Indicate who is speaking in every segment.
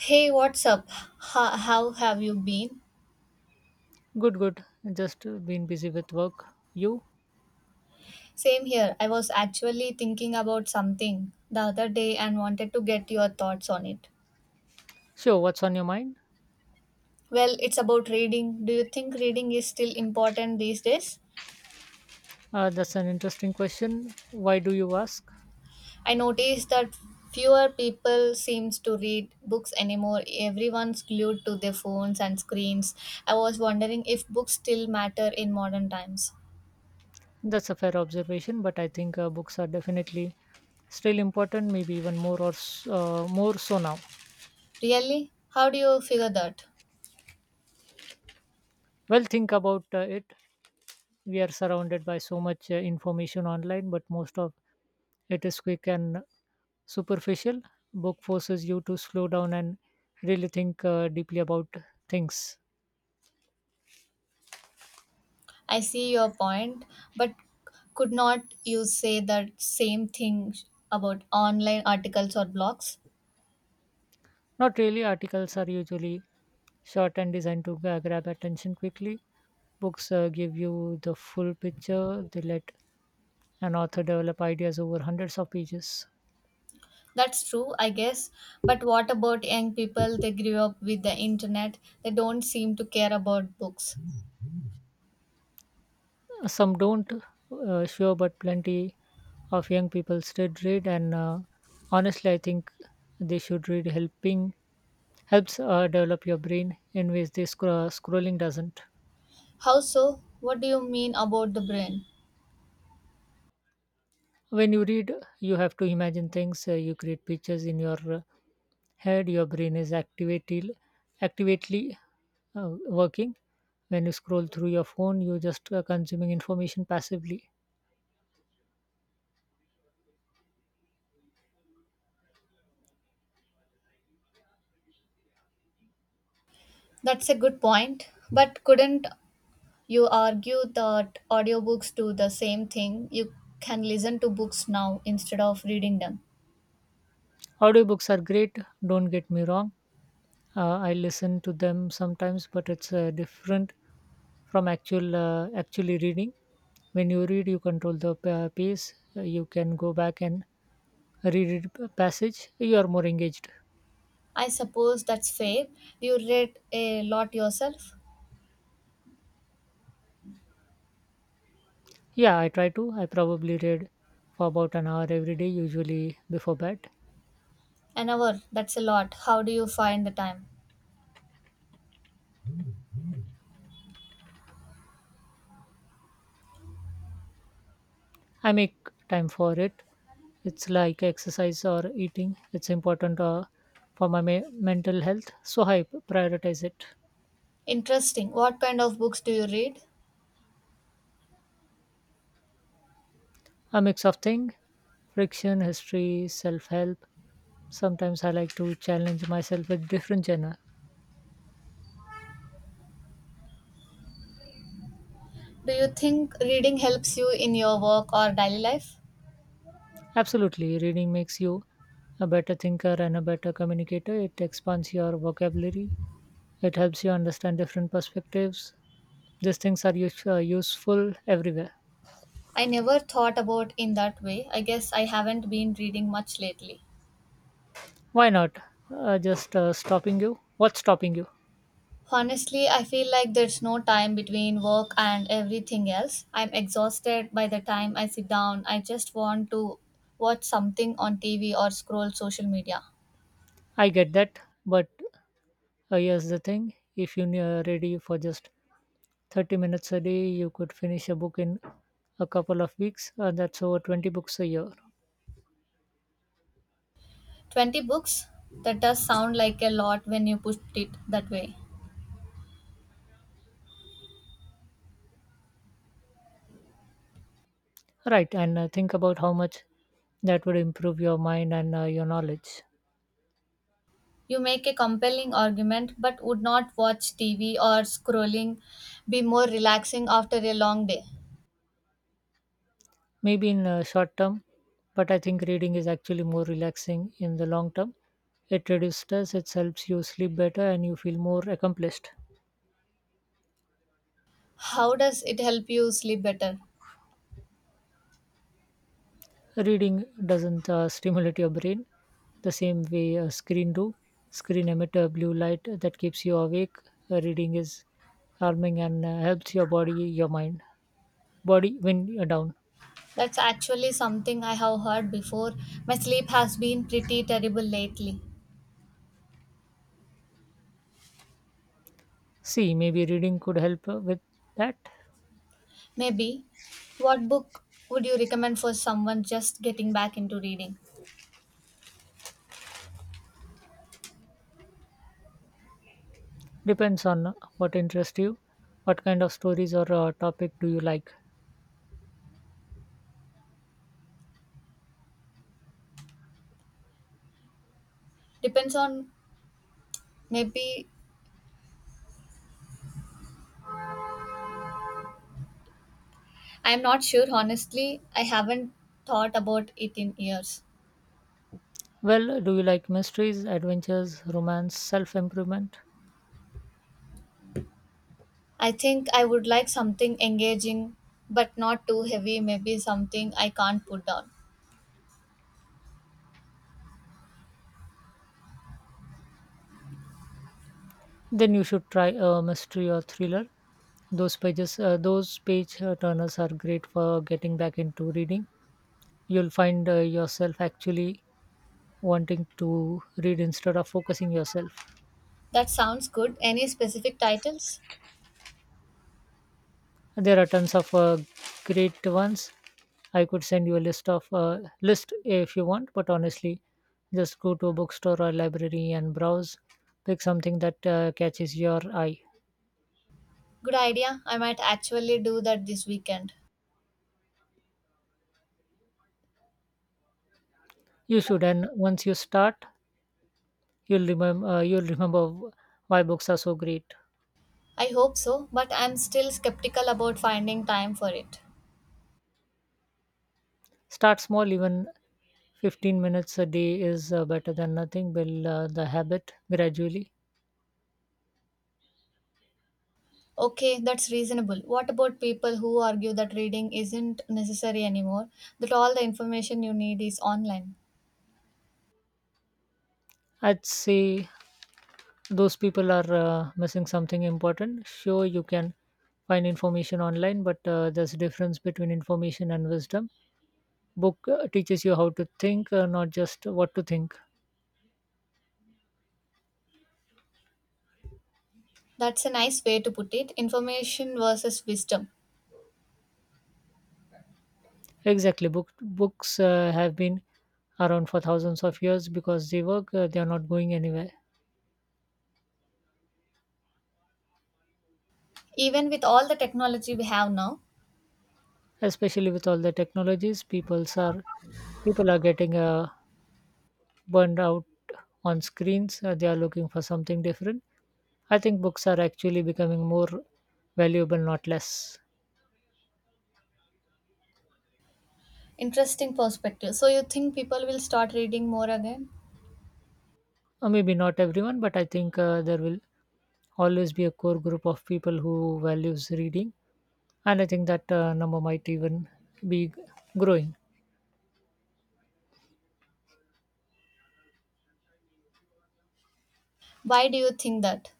Speaker 1: Hey, what's up? How have you been?
Speaker 2: Good, good. Just been busy with work. You?
Speaker 1: Same here. I was actually thinking about something the other day and wanted to get your thoughts on it.
Speaker 2: Sure, what's on your mind?
Speaker 1: Well, it's about reading. Do you think reading is still important these days?
Speaker 2: That's an interesting question. Why do you ask?
Speaker 1: I noticed that fewer people seems to read books anymore. Everyone's glued to their phones and screens. I was wondering if books still matter in modern times.
Speaker 2: That's a fair observation, but I think books are definitely still important, maybe even more more so now.
Speaker 1: Really? How do you figure that?
Speaker 2: Well, think about it. We are surrounded by so much information online, but most of it is quick and superficial. Book forces you to slow down and really think deeply about things.
Speaker 1: I see your point, but could not you say that same thing about online articles or blogs?
Speaker 2: Not really, articles are usually short and designed to grab attention quickly. Books give you the full picture, they let an author develop ideas over hundreds of pages.
Speaker 1: That's true, I guess. But what about young people? They grew up with the internet. They don't seem to care about books.
Speaker 2: Some don't, sure, but plenty of young people still read, and honestly, I think they should read helping helps develop your brain in ways this scrolling doesn't.
Speaker 1: How so? What do you mean about the brain?
Speaker 2: When you read, you have to imagine things. You create pictures in your head. Your brain is activated, actively working. When you scroll through your phone, you're just consuming information passively.
Speaker 1: That's a good point. But couldn't you argue that audiobooks do the same thing? You can listen to books now instead of reading them.
Speaker 2: Audiobooks are great, don't get me wrong. I listen to them sometimes, but it's different from actually reading. When you read, you control the pace. You can go back and read a passage. You are more engaged.
Speaker 1: I suppose that's fair. Do you read a lot yourself?
Speaker 2: Yeah, I try to. I probably read for about an hour every day, usually before bed.
Speaker 1: An hour, that's a lot. How do you find the time?
Speaker 2: I make time for it. It's like exercise or eating. It's important for mental health, so I prioritize it.
Speaker 1: Interesting. What kind of books do you read?
Speaker 2: A mix of things: friction, history, self help. Sometimes I like to challenge myself with different genre.
Speaker 1: Do you think reading helps you in your work or daily life?
Speaker 2: Absolutely, reading makes you a better thinker and a better communicator. It expands your vocabulary. It helps you understand different perspectives. These things are useful everywhere.
Speaker 1: I never thought about in that way. I guess I haven't been reading much lately.
Speaker 2: Why not? Just stopping you. What's stopping you?
Speaker 1: Honestly, I feel like there's no time between work and everything else. I'm exhausted by the time I sit down. I just want to watch something on TV or scroll social media.
Speaker 2: I get that, but here's the thing: if you are ready for just 30 minutes a day, you could finish a book in a couple of weeks. That's over 20 books a year,
Speaker 1: 20 books? That does sound like a lot when you put it that way.
Speaker 2: right? And think about how much that would improve your mind and your knowledge.
Speaker 1: You make a compelling argument, but would not watch TV or scrolling be more relaxing after a long day?
Speaker 2: Maybe in a short term, but I think reading is actually more relaxing in the long term. It reduces stress, it helps you sleep better, and you feel more accomplished.
Speaker 1: How does it help you sleep better?
Speaker 2: Reading doesn't stimulate your brain the same way a screen do. Screen emit a blue light that keeps you awake. Reading is calming and helps your body, your mind, body when you're down.
Speaker 1: That's actually something I have heard before. My sleep has been pretty terrible lately.
Speaker 2: See, maybe reading could help with that.
Speaker 1: Maybe. What book would you recommend for someone just getting back into reading?
Speaker 2: Depends on what interests you. What kind of stories or topic do you like?
Speaker 1: Depends on maybe I'm not sure, honestly. I haven't thought about it in years.
Speaker 2: Well, do you like mysteries, adventures, romance, self improvement?
Speaker 1: I think I would like something engaging but not too heavy, maybe something I can't put down.
Speaker 2: Then you should try a mystery or thriller. Those page turners are great for getting back into reading. You'll find yourself actually wanting to read instead of focusing yourself.
Speaker 1: That sounds good. Any specific titles?
Speaker 2: There are tons of great ones. I could send you a list of list if you want, but honestly, just go to a bookstore or library and browse. Pick something that catches your eye.
Speaker 1: Good idea. I might actually do that this weekend.
Speaker 2: You should, and once you start, you'll remember why books are so great.
Speaker 1: I hope so, but I'm still skeptical about finding time for it.
Speaker 2: Start small, even 15 minutes a day is better than nothing. Build the habit gradually.
Speaker 1: Okay, that's reasonable. What about people who argue that reading isn't necessary anymore, that all the information you need is online?
Speaker 2: I'd say those people are missing something important. Sure, you can find information online, but there's a difference between information and wisdom. Book teaches you how to think, not just what to think.
Speaker 1: That's a nice way to put it, information versus wisdom.
Speaker 2: Exactly. Books have been around for thousands of years because they work. They are not going anywhere.
Speaker 1: Even with all the technology we have now,
Speaker 2: Especially with all the technologies, people are getting burned out on screens. They are looking for something different. I think books are actually becoming more valuable, not less.
Speaker 1: interesting perspective. So, you think people will start reading more again?
Speaker 2: Maybe not everyone, but I think there will always be a core group of people who values reading, and I think that number might even be growing.
Speaker 1: Why do you think that?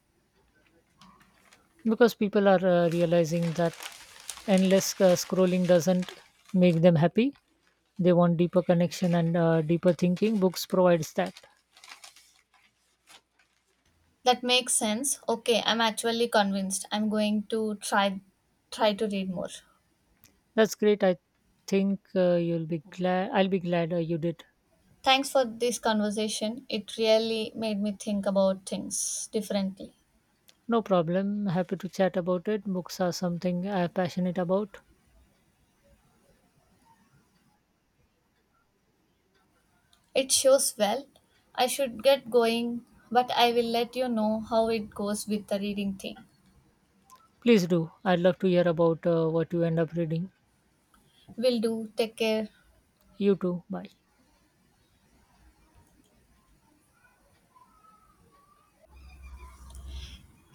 Speaker 2: Because people are realizing that endless scrolling doesn't make them happy. They want deeper connection and deeper thinking. Books provides that.
Speaker 1: That makes sense. Okay, I'm actually convinced. I'm going to try to read more.
Speaker 2: That's great. I think you'll be glad I'll be glad you did.
Speaker 1: Thanks for this conversation. It really made me think about things differently.
Speaker 2: No problem, happy to chat about it. Books are something I'm passionate about.
Speaker 1: It shows well. I should get going, but I will let you know how it goes with the reading thing.
Speaker 2: Please do. I'd love to hear about what you end up reading.
Speaker 1: Will do. Take care.
Speaker 2: You too, bye.